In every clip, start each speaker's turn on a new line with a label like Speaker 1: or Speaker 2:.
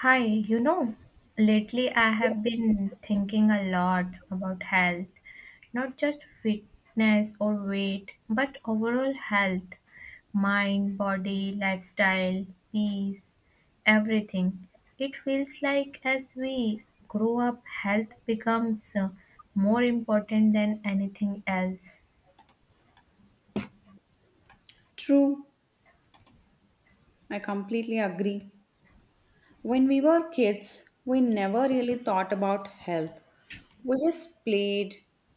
Speaker 1: Hi, you know, lately I have been thinking a lot about health, not just fitness or weight, but overall health, mind, body, lifestyle, peace, everything. It feels like as we grow up, health becomes more important than anything else.
Speaker 2: True, I completely agree. When we were kids, we never really thought about health. We just played,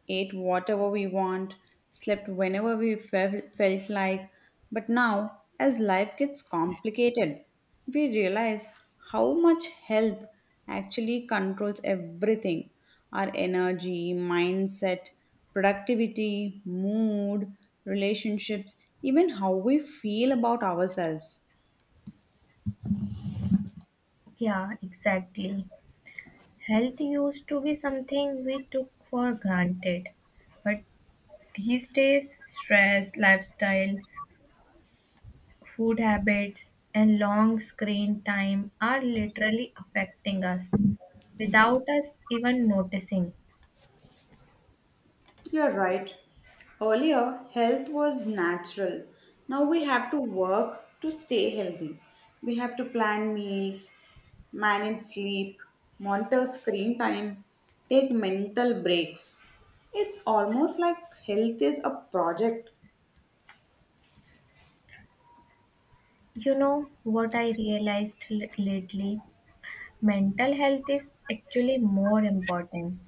Speaker 2: ate whatever we want, slept whenever we felt like. But now, as life gets complicated, we realize how much health actually controls everything our energy, mindset, productivity, mood, relationships, even how we feel about ourselves.
Speaker 1: Yeah, exactly. Health used to be something we took for granted, but these days, stress, lifestyle, food habits, and long screen time are literally affecting us without us even noticing.
Speaker 2: You're right. Earlier, health was natural. Now we have to work to stay healthy. We have to plan meals, manage sleep, monitor screen time, take mental breaks. It's almost like health is a project.
Speaker 1: You know what I realized lately? Mental health is actually more important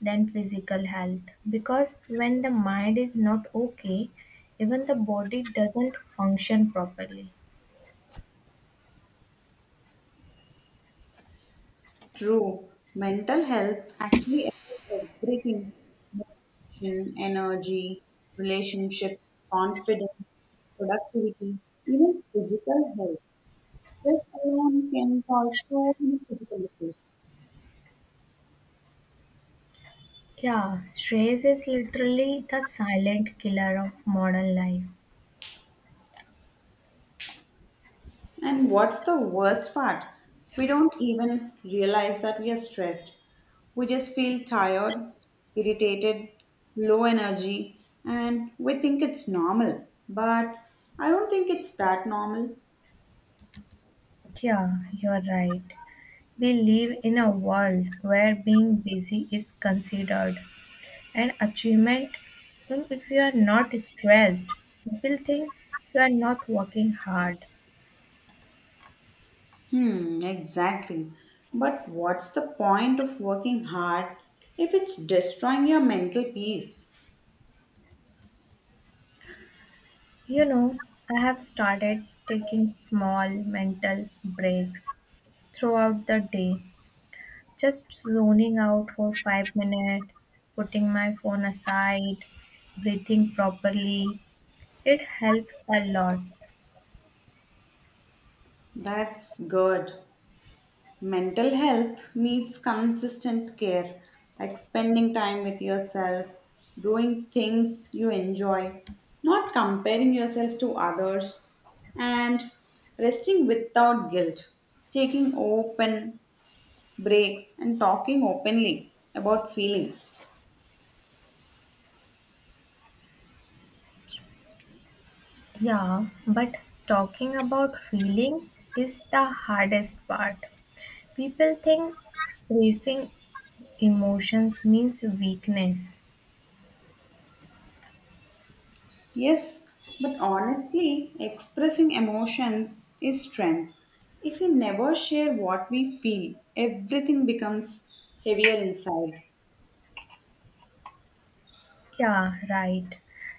Speaker 1: than physical health because when the mind is not okay, even the body doesn't function properly.
Speaker 2: True, mental health actually affects everything motivation, energy, relationships, confidence, productivity, even physical health. Stress alone can cause so many physical issues.
Speaker 1: Yeah, stress is literally the silent killer of modern life.
Speaker 2: And what's the worst part? We don't even realize that we are stressed. We just feel tired, irritated, low energy, and we think it's normal. But I don't think it's that normal.
Speaker 1: Yeah, you're right. We live in a world where being busy is considered an achievement. And if you are not stressed, people think you are not working hard.
Speaker 2: Hmm, exactly. But what's the point of working hard if it's destroying your mental peace?
Speaker 1: You know, I have started taking small mental breaks throughout the day, just zoning out for 5 minutes, putting my phone aside, breathing properly. It helps a lot.
Speaker 2: That's good. Mental health needs consistent care, like spending time with yourself, doing things you enjoy, not comparing yourself to others, and resting without guilt, taking open breaks, and talking openly about feelings.
Speaker 1: Yeah, but talking about feelings is the hardest part. People think expressing emotions means weakness.
Speaker 2: Yes, but honestly, expressing emotion is strength. If we never share what we feel, everything becomes heavier inside.
Speaker 1: Yeah, right.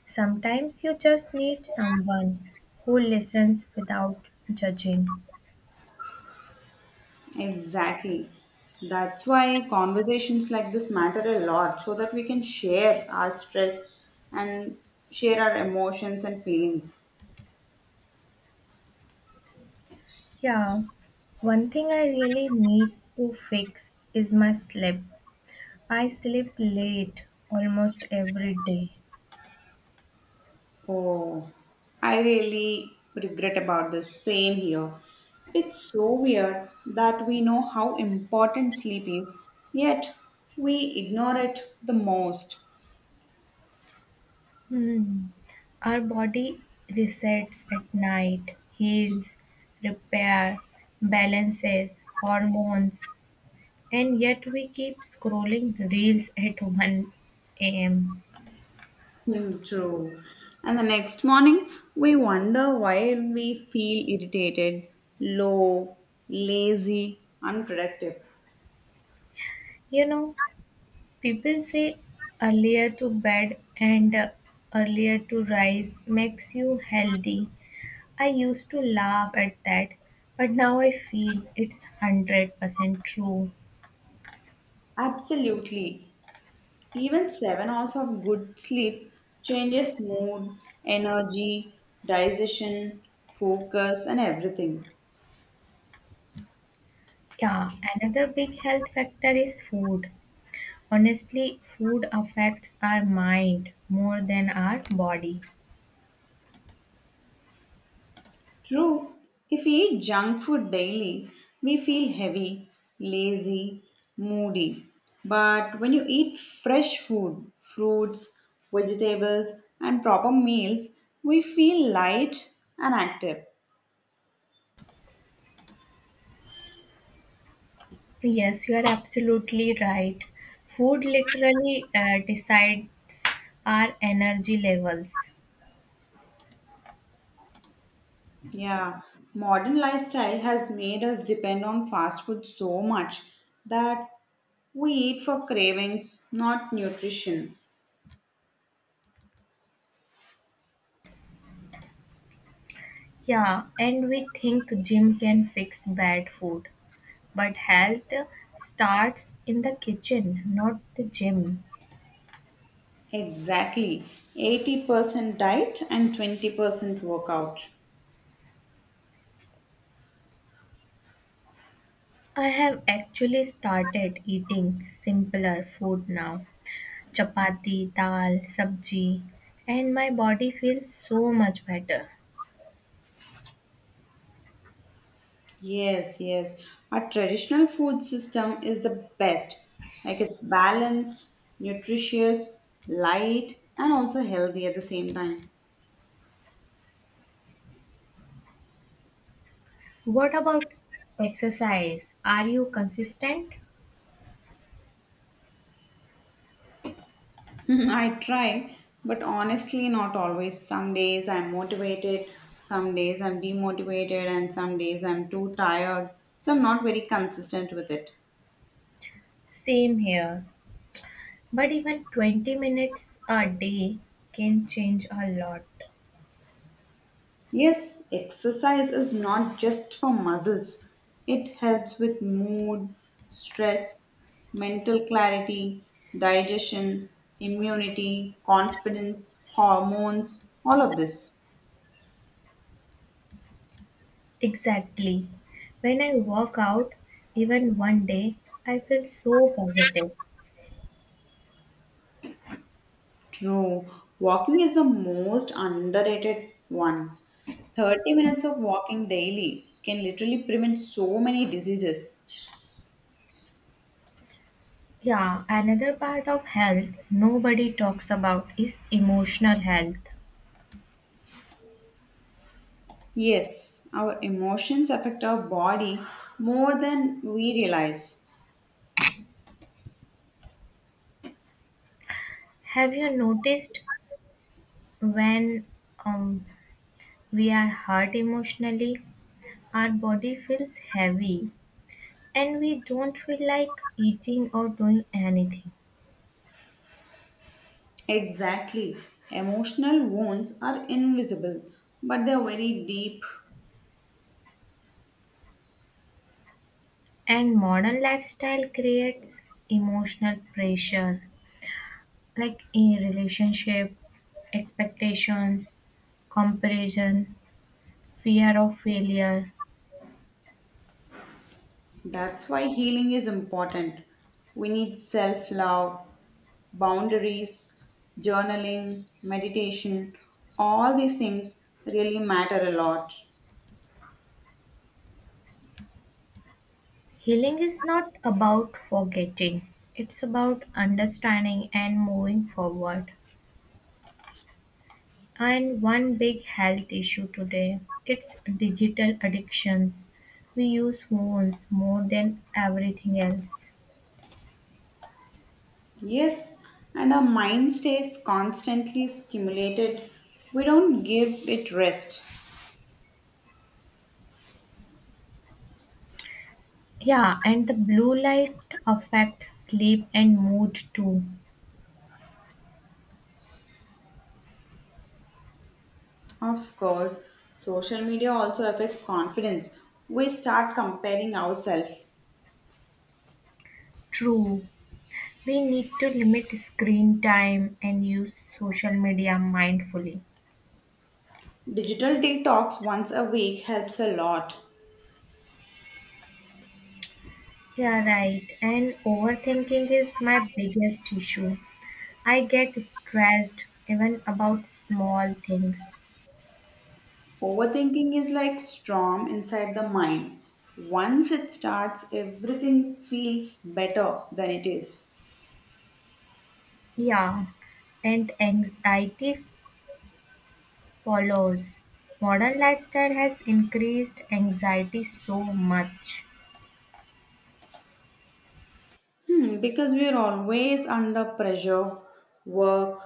Speaker 1: Sometimes you just need someone who listens without judging.
Speaker 2: Exactly. That's why conversations like this matter a lot so that we can share our stress and share our emotions and feelings.
Speaker 1: Yeah, one thing I really need to fix is my sleep. I sleep late almost every day.
Speaker 2: Oh, I really regret about this. Same here. It's so weird that we know how important sleep is, yet we ignore it the most.
Speaker 1: Hmm. Our body resets at night, heals, repair, balances, hormones, and yet we keep scrolling reels at 1 a.m.
Speaker 2: Hmm, true. And the next morning, we wonder why we feel irritated, low, lazy, unproductive.
Speaker 1: You know, people say earlier to bed and earlier to rise makes you healthy. I used to laugh at that, but now I feel it's 100% true.
Speaker 2: Absolutely. Even 7 hours of good sleep changes mood, energy, digestion, focus, and everything.
Speaker 1: Yeah, another big health factor is food. Honestly, food affects our mind more than our body.
Speaker 2: True, if we eat junk food daily, we feel heavy, lazy, moody. But when you eat fresh food, fruits, vegetables, and proper meals, we feel light and active.
Speaker 1: Yes, you are absolutely right. Food literally decides our energy levels.
Speaker 2: Yeah, modern lifestyle has made us depend on fast food so much that we eat for cravings, not nutrition.
Speaker 1: Yeah, and we think gym can fix bad food, but health starts in the kitchen, not the gym.
Speaker 2: Exactly, 80% diet and 20% workout.
Speaker 1: I have actually started eating simpler food now, chapati, dal, sabji, and my body feels so much better.
Speaker 2: Yes, yes. Our traditional food system is the best. Like it's balanced, nutritious, light, and also healthy at the same time.
Speaker 1: What about exercise? Are you consistent?
Speaker 2: I try, but honestly, not always. Some days I'm motivated, some days I'm demotivated, and some days I'm too tired. So I'm not very consistent with it.
Speaker 1: Same here. But even 20 minutes a day can change a lot.
Speaker 2: Yes, exercise is not just for muscles. It helps with mood, stress, mental clarity, digestion, immunity, confidence, hormones, all of this.
Speaker 1: Exactly. When I work out, even one day, I feel so positive.
Speaker 2: True. Walking is the most underrated one. 30 minutes of walking daily can literally prevent so many diseases.
Speaker 1: Yeah, another part of health nobody talks about is emotional health.
Speaker 2: Yes, our emotions affect our body more than we realize.
Speaker 1: Have you noticed when um, we are hurt emotionally, our body feels heavy, and we don't feel like eating or doing anything?
Speaker 2: Exactly. Emotional wounds are invisible, but they're very deep.
Speaker 1: And modern lifestyle creates emotional pressure, like in relationship, expectations, comparison, fear of failure.
Speaker 2: That's why healing is important. We need self love, boundaries, journaling, meditation. All these things really matter a lot.
Speaker 1: Healing is not about forgetting, it's about understanding and moving forward. And one big health issue today, it's digital addictions. We use phones more than everything else.
Speaker 2: Yes, and our mind stays constantly stimulated. We don't give it rest.
Speaker 1: Yeah, and the blue light affects sleep and mood too.
Speaker 2: Of course, social media also affects confidence. We start comparing ourselves.
Speaker 1: True. We need to limit screen time and use social media mindfully.
Speaker 2: Digital detox once a week helps a lot.
Speaker 1: Yeah, right. And overthinking is my biggest issue. I get stressed even about small things.
Speaker 2: Overthinking is like storm inside the mind. Once it starts, everything feels better than it is.
Speaker 1: Yeah, and anxiety follows. Modern lifestyle has increased anxiety so much.
Speaker 2: Hmm, because we are always under pressure, work,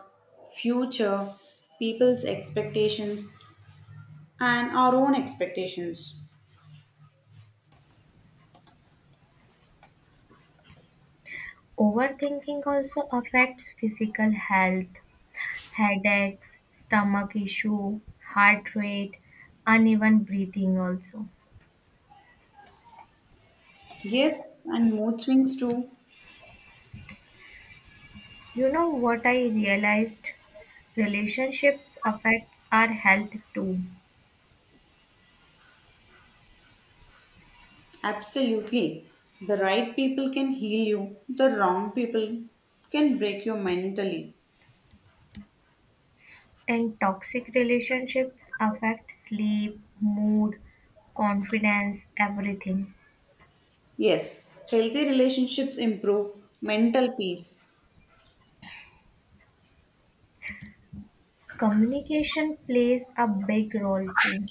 Speaker 2: future, people's expectations, and our own expectations.
Speaker 1: Overthinking also affects physical health, headaches, stomach issue, heart rate, uneven breathing also.
Speaker 2: Yes, and mood swings too.
Speaker 1: You know what I realized? Relationships affects our health too.
Speaker 2: Absolutely. The right people can heal you, the wrong people can break you mentally.
Speaker 1: And toxic relationships affect sleep, mood, confidence, everything.
Speaker 2: Yes, healthy relationships improve mental peace.
Speaker 1: Communication plays a big role too.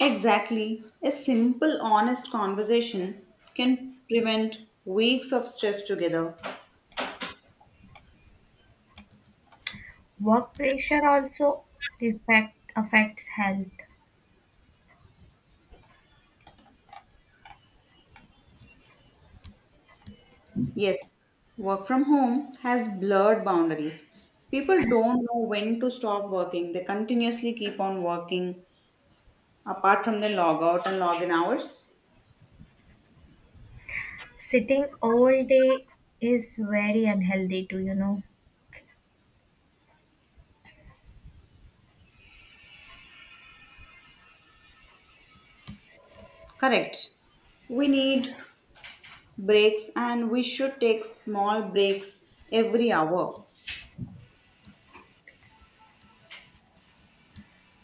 Speaker 2: Exactly. A simple, honest conversation can prevent weeks of stress together.
Speaker 1: Work pressure also affects health.
Speaker 2: Yes, work from home has blurred boundaries. People don't know when to stop working, they continuously keep on working apart from their log out and log in hours.
Speaker 1: Sitting all day is very unhealthy too, you know.
Speaker 2: Correct. We need breaks and we should take small breaks every hour.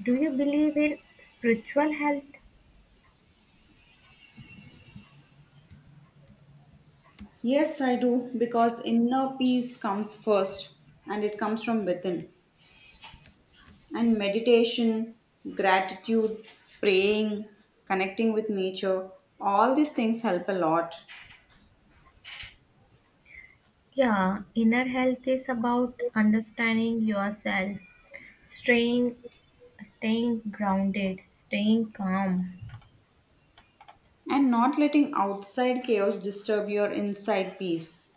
Speaker 1: Do you believe in spiritual health?
Speaker 2: Yes, I do, because inner peace comes first and it comes from within. And meditation, gratitude, praying, connecting with nature, all these things help a lot.
Speaker 1: Yeah, inner health is about understanding yourself, staying staying grounded, staying calm.
Speaker 2: And not letting outside chaos disturb your inside peace.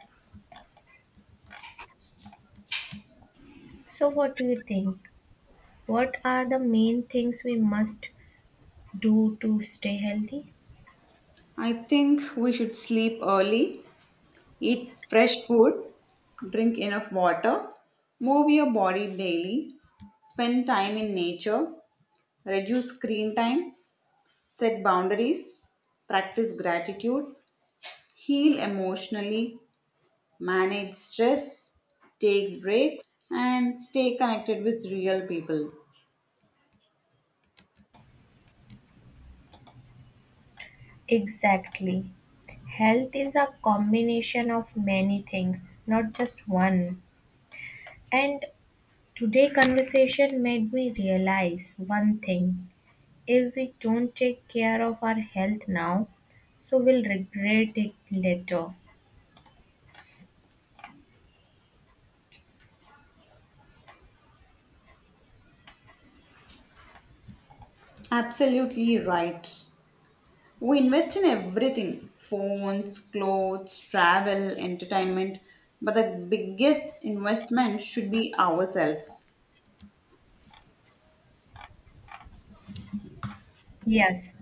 Speaker 1: So what do you think? What are the main things we must do to stay healthy?
Speaker 2: I think we should sleep early, eat fresh food, drink enough water, move your body daily, spend time in nature, reduce screen time, set boundaries, practice gratitude, heal emotionally, manage stress, take breaks, and stay connected with real people.
Speaker 1: Exactly. Health is a combination of many things, not just one. And today conversation made me realize one thing. If we don't take care of our health now, so we'll regret it later.
Speaker 2: Absolutely right. We invest in everything phones, clothes, travel, entertainment but the biggest investment should be ourselves.
Speaker 1: Yes,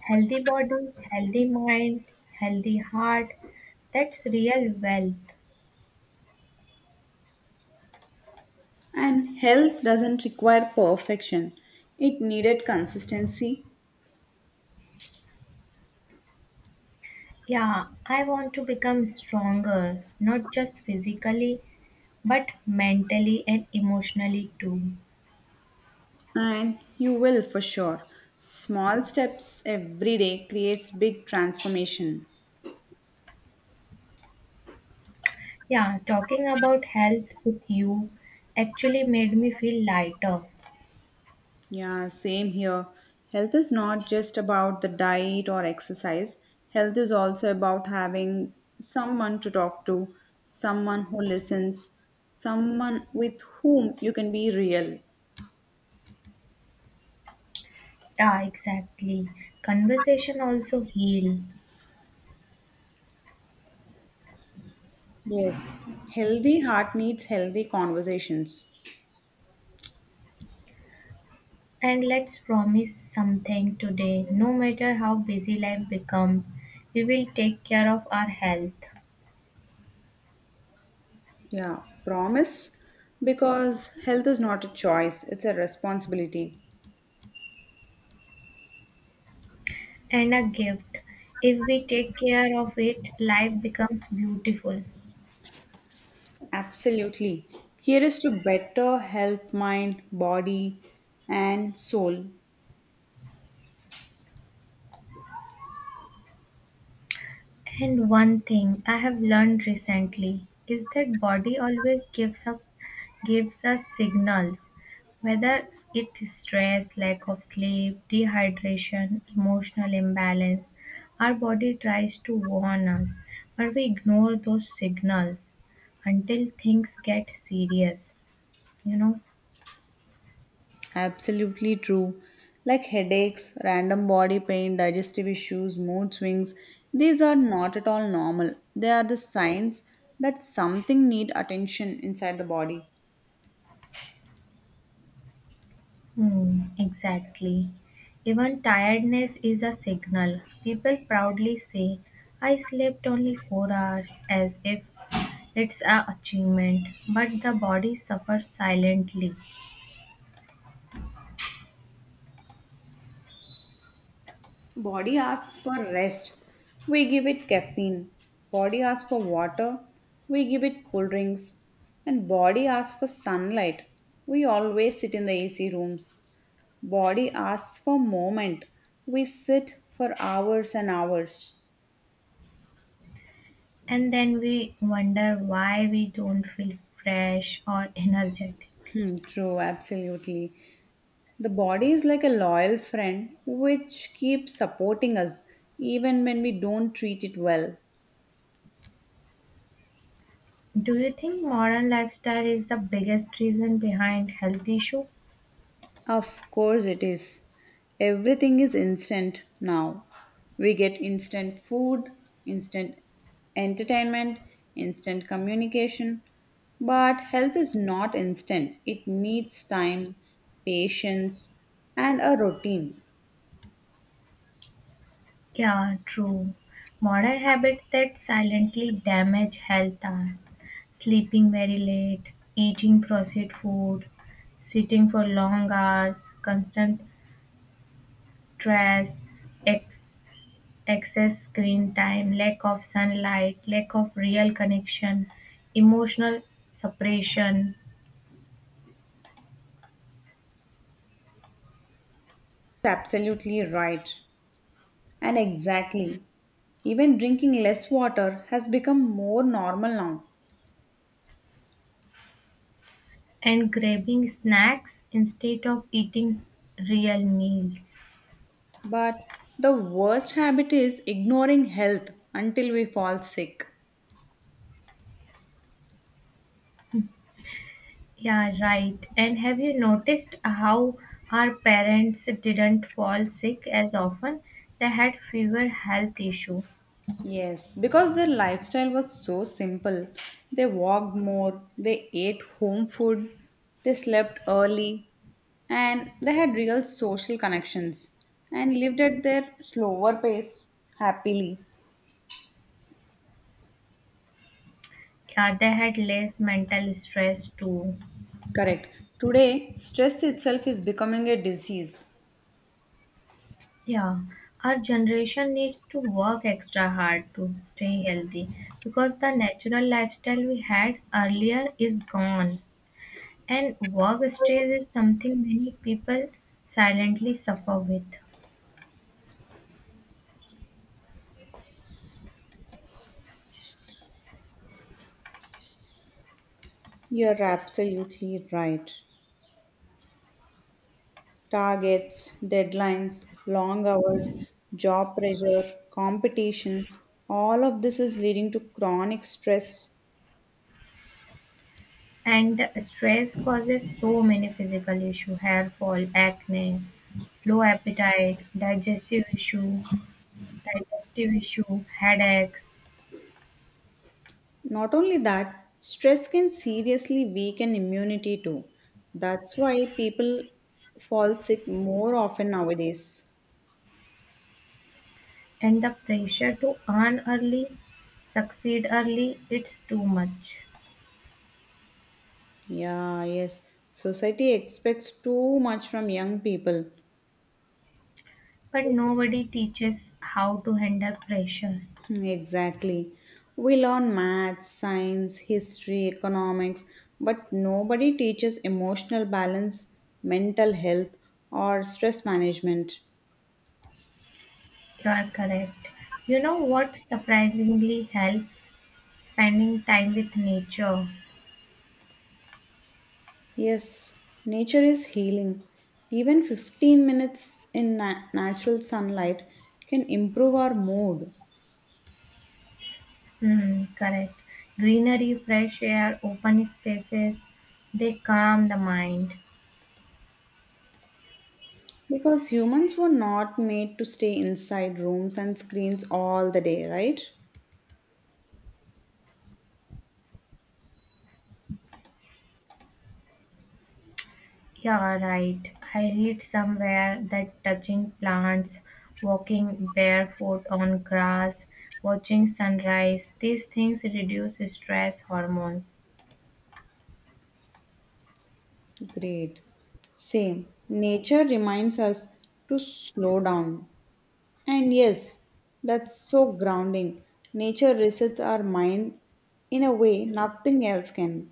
Speaker 1: healthy body, healthy mind, healthy heart, that's real wealth.
Speaker 2: And health doesn't require perfection, it needed consistency.
Speaker 1: Yeah, I want to become stronger, not just physically, but mentally and emotionally too.
Speaker 2: And you will for sure. Small steps every day creates big transformation.
Speaker 1: Yeah, talking about health with you actually made me feel lighter.
Speaker 2: Yeah, same here. Health is not just about the diet or exercise. Health is also about having someone to talk to, someone who listens, someone with whom you can be real.
Speaker 1: Yeah, exactly. Conversation also heal.
Speaker 2: Yes. Healthy heart needs healthy conversations.
Speaker 1: And let's promise something today. No matter how busy life becomes, we will take care of our health.
Speaker 2: Yeah, promise because health is not a choice, it's a responsibility.
Speaker 1: And a gift. If we take care of it, life becomes beautiful.
Speaker 2: Absolutely. Here is to better health, mind, body, and soul.
Speaker 1: And one thing I have learned recently is that body always gives us signals, whether it's stress, lack of sleep, dehydration, emotional imbalance. Our body tries to warn us, but we ignore those signals until things get serious, you know.
Speaker 2: Absolutely true. Like headaches, random body pain, digestive issues, mood swings, these are not at all normal. They are the signs that something need attention inside the body.
Speaker 1: Hmm, exactly. Even tiredness is a signal. People proudly say, I slept only 4 hours, as if it's a achievement. But the body suffers silently.
Speaker 2: Body asks for rest. We give it caffeine. Body asks for water. We give it cool drinks. And body asks for sunlight. We always sit in the AC rooms. Body asks for moment. We sit for hours and hours.
Speaker 1: And then we wonder why we don't feel fresh or energetic.
Speaker 2: Hmm, true, absolutely. The body is like a loyal friend which keeps supporting us even when we don't treat it well.
Speaker 1: Do you think modern lifestyle is the biggest reason behind health issue?
Speaker 2: Of course, it is. Everything is instant now. We get instant food, instant entertainment, instant communication. But health is not instant, it needs time, patience, and a routine.
Speaker 1: Yeah, true. Modern habits that silently damage health are sleeping very late, eating processed food, sitting for long hours, constant stress, ex- excess screen time, lack of sunlight, lack of real connection, emotional separation,
Speaker 2: Absolutely right. And exactly. Even drinking less water has become more normal now.
Speaker 1: and grabbing snacks instead of eating real meals.
Speaker 2: But the worst habit is ignoring health until we fall sick.
Speaker 1: Yeah, right. And have you noticed how our parents didn't fall sick as often? They had fewer health issues.
Speaker 2: Yes, because their lifestyle was so simple. They walked more, they ate home food, they slept early, and they had real social connections and lived at their slower pace happily.
Speaker 1: Yeah, they had less mental stress too.
Speaker 2: Correct. Today, stress itself is becoming a disease.
Speaker 1: Yeah, our generation needs to work extra hard to stay healthy because the natural lifestyle we had earlier is gone. And work stress is something many people silently suffer with.
Speaker 2: You're absolutely right. Targets, deadlines, long hours, job pressure, competition, all of this is leading to chronic stress.
Speaker 1: And stress causes so many physical issues, hair fall, acne, low appetite, digestive issue, headaches,
Speaker 2: Not only that, stress can seriously weaken immunity too. That's why people fall sick more often nowadays.
Speaker 1: and the pressure to earn early, succeed early, it's too much.
Speaker 2: Yeah, yes. Society expects too much from young people.
Speaker 1: But nobody teaches how to handle pressure.
Speaker 2: Hmm, exactly. We learn maths, science, history, economics, but nobody teaches emotional balance, mental health, or stress management.
Speaker 1: You are correct. You know what surprisingly helps? Spending time with nature.
Speaker 2: Yes, nature is healing. Even 15 minutes in natural sunlight can improve our mood
Speaker 1: Hmm, correct. Greenery, fresh air, open spaces, they calm the mind.
Speaker 2: because humans were not made to stay inside rooms and screens all the day, right?
Speaker 1: Yeah, right. I read somewhere that touching plants, walking barefoot on grass, watching sunrise, these things reduce stress hormones.
Speaker 2: Great. Same. Nature reminds us to slow down. And yes, that's so grounding. Nature resets our mind in a way nothing else can.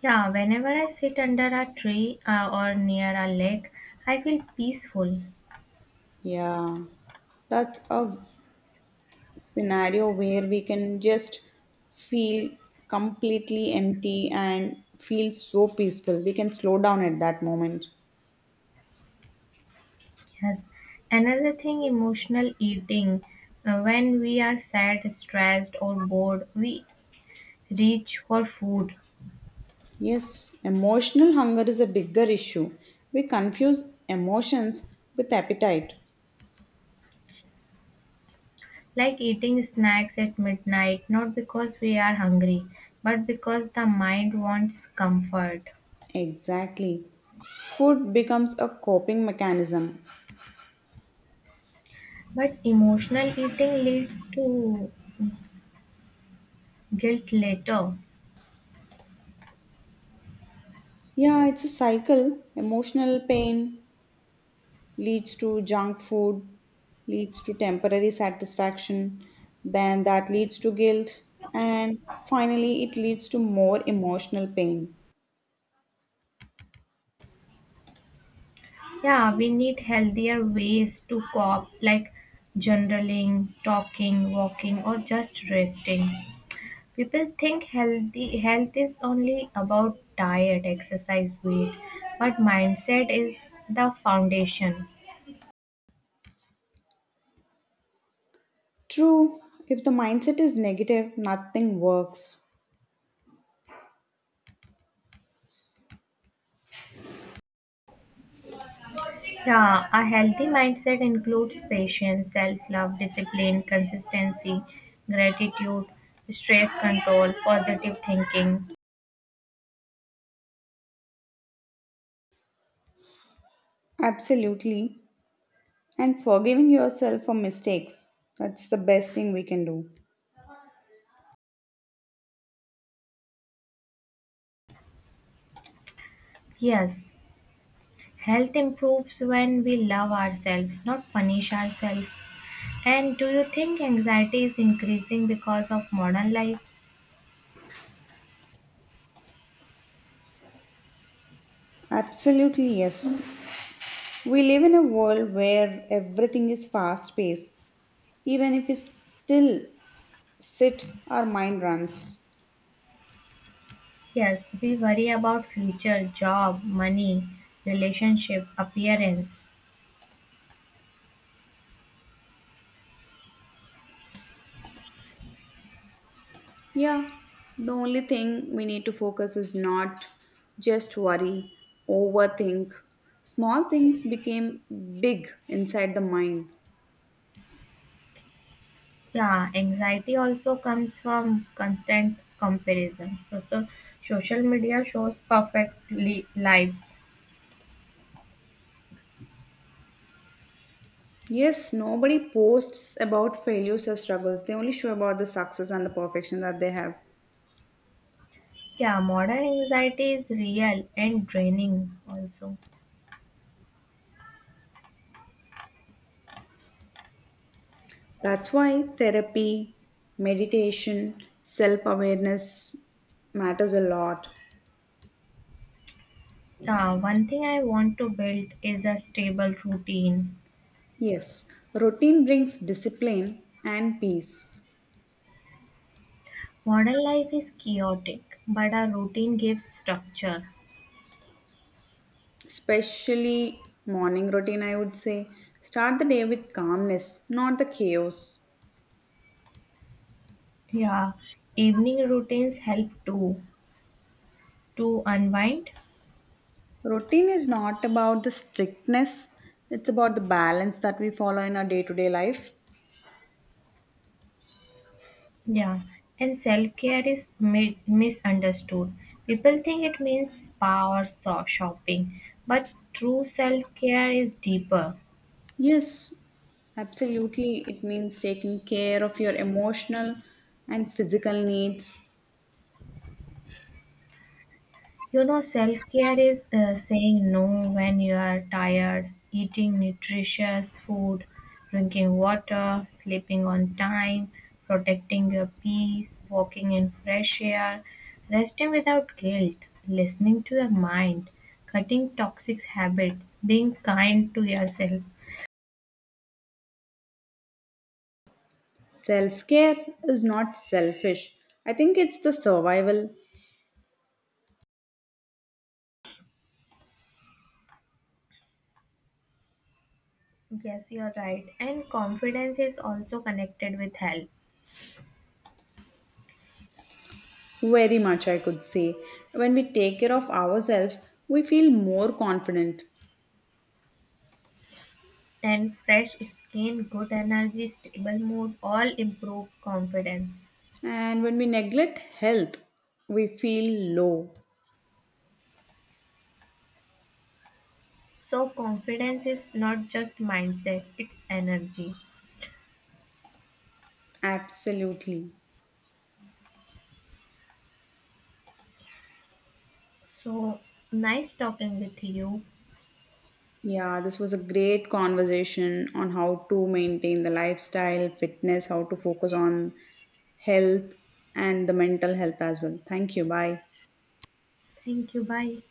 Speaker 1: Yeah, whenever I sit under a tree or near a lake, I feel peaceful.
Speaker 2: Yeah. That's a scenario where we can just feel completely empty and feel so peaceful. We can slow down at that moment.
Speaker 1: Yes. Another thing, emotional eating. When we are sad, stressed, or bored, we reach for food,
Speaker 2: Yes, emotional hunger is a bigger issue. We confuse emotions with appetite.
Speaker 1: like eating snacks at midnight, not because we are hungry, but because the mind wants comfort.
Speaker 2: Exactly. Food becomes a coping mechanism.
Speaker 1: But emotional eating leads to guilt later.
Speaker 2: Yeah, it's a cycle emotional pain, leads to junk food, leads to temporary satisfaction, then that leads to guilt, and finally, it leads to more emotional pain.
Speaker 1: Yeah, we need healthier ways to cope, like journaling, talking, walking, or just resting. People think healthy health is only about diet, exercise, weight, but mindset is the foundation.
Speaker 2: True, if the mindset is negative, nothing works.
Speaker 1: Yeah, a healthy mindset includes patience, self love, discipline, consistency, gratitude, stress control, positive thinking.
Speaker 2: Absolutely. And forgiving yourself for mistakes, that's the best thing we can do.
Speaker 1: Yes, health improves when we love ourselves, not punish ourselves. And do you think anxiety is increasing because of modern life?
Speaker 2: Absolutely, yes. We live in a world where everything is fast paced. Even if we still sit, our mind runs.
Speaker 1: Yes, we worry about future, job, money, relationship, appearance.
Speaker 2: Yeah, the only thing we need to focus is not just worry, overthink. Small things became big inside the mind.
Speaker 1: Yeah, anxiety also comes from constant comparison. So social media shows perfect lives.
Speaker 2: Yes, nobody posts about failures or struggles. They only show about the success and the perfection that they have.
Speaker 1: Yeah, modern anxiety is real and draining also.
Speaker 2: That's why therapy, meditation, self awareness matters a lot.
Speaker 1: Yeah, one thing I want to build is a stable routine.
Speaker 2: Yes, routine brings discipline and peace.
Speaker 1: Modern life is chaotic, but our routine gives structure.
Speaker 2: Especially morning routine I would say, start the day with calmness, not the chaos.
Speaker 1: Yeah, evening routines help too to unwind.
Speaker 2: Routine is not about the strictness, it's about the balance that we follow in our day-to-day life.
Speaker 1: Yeah, and self care is misunderstood. People think it means spa or shopping, but true self care is deeper.
Speaker 2: Yes, absolutely. It means taking care of your emotional and physical needs.
Speaker 1: You know, self care is saying no when you are tired, eating nutritious food, drinking water, sleeping on time, protecting your peace, walking in fresh air, resting without guilt, listening to your mind, cutting toxic habits, being kind to yourself.
Speaker 2: Self-care is not selfish, I think it's the survival.
Speaker 1: Yes, you're right. And confidence is also connected with health.
Speaker 2: Very much I could say, when we take care of ourselves we feel more confident.
Speaker 1: And fresh skin, good energy, stable mood all improve confidence.
Speaker 2: And when we neglect health, we feel low.
Speaker 1: So, confidence is not just mindset, it's energy.
Speaker 2: Absolutely.
Speaker 1: So, nice talking with you.
Speaker 2: Yeah, this was a great conversation on how to maintain the lifestyle, fitness, how to focus on health and the mental health as well. Thank you. Bye.
Speaker 1: Thank you. Bye.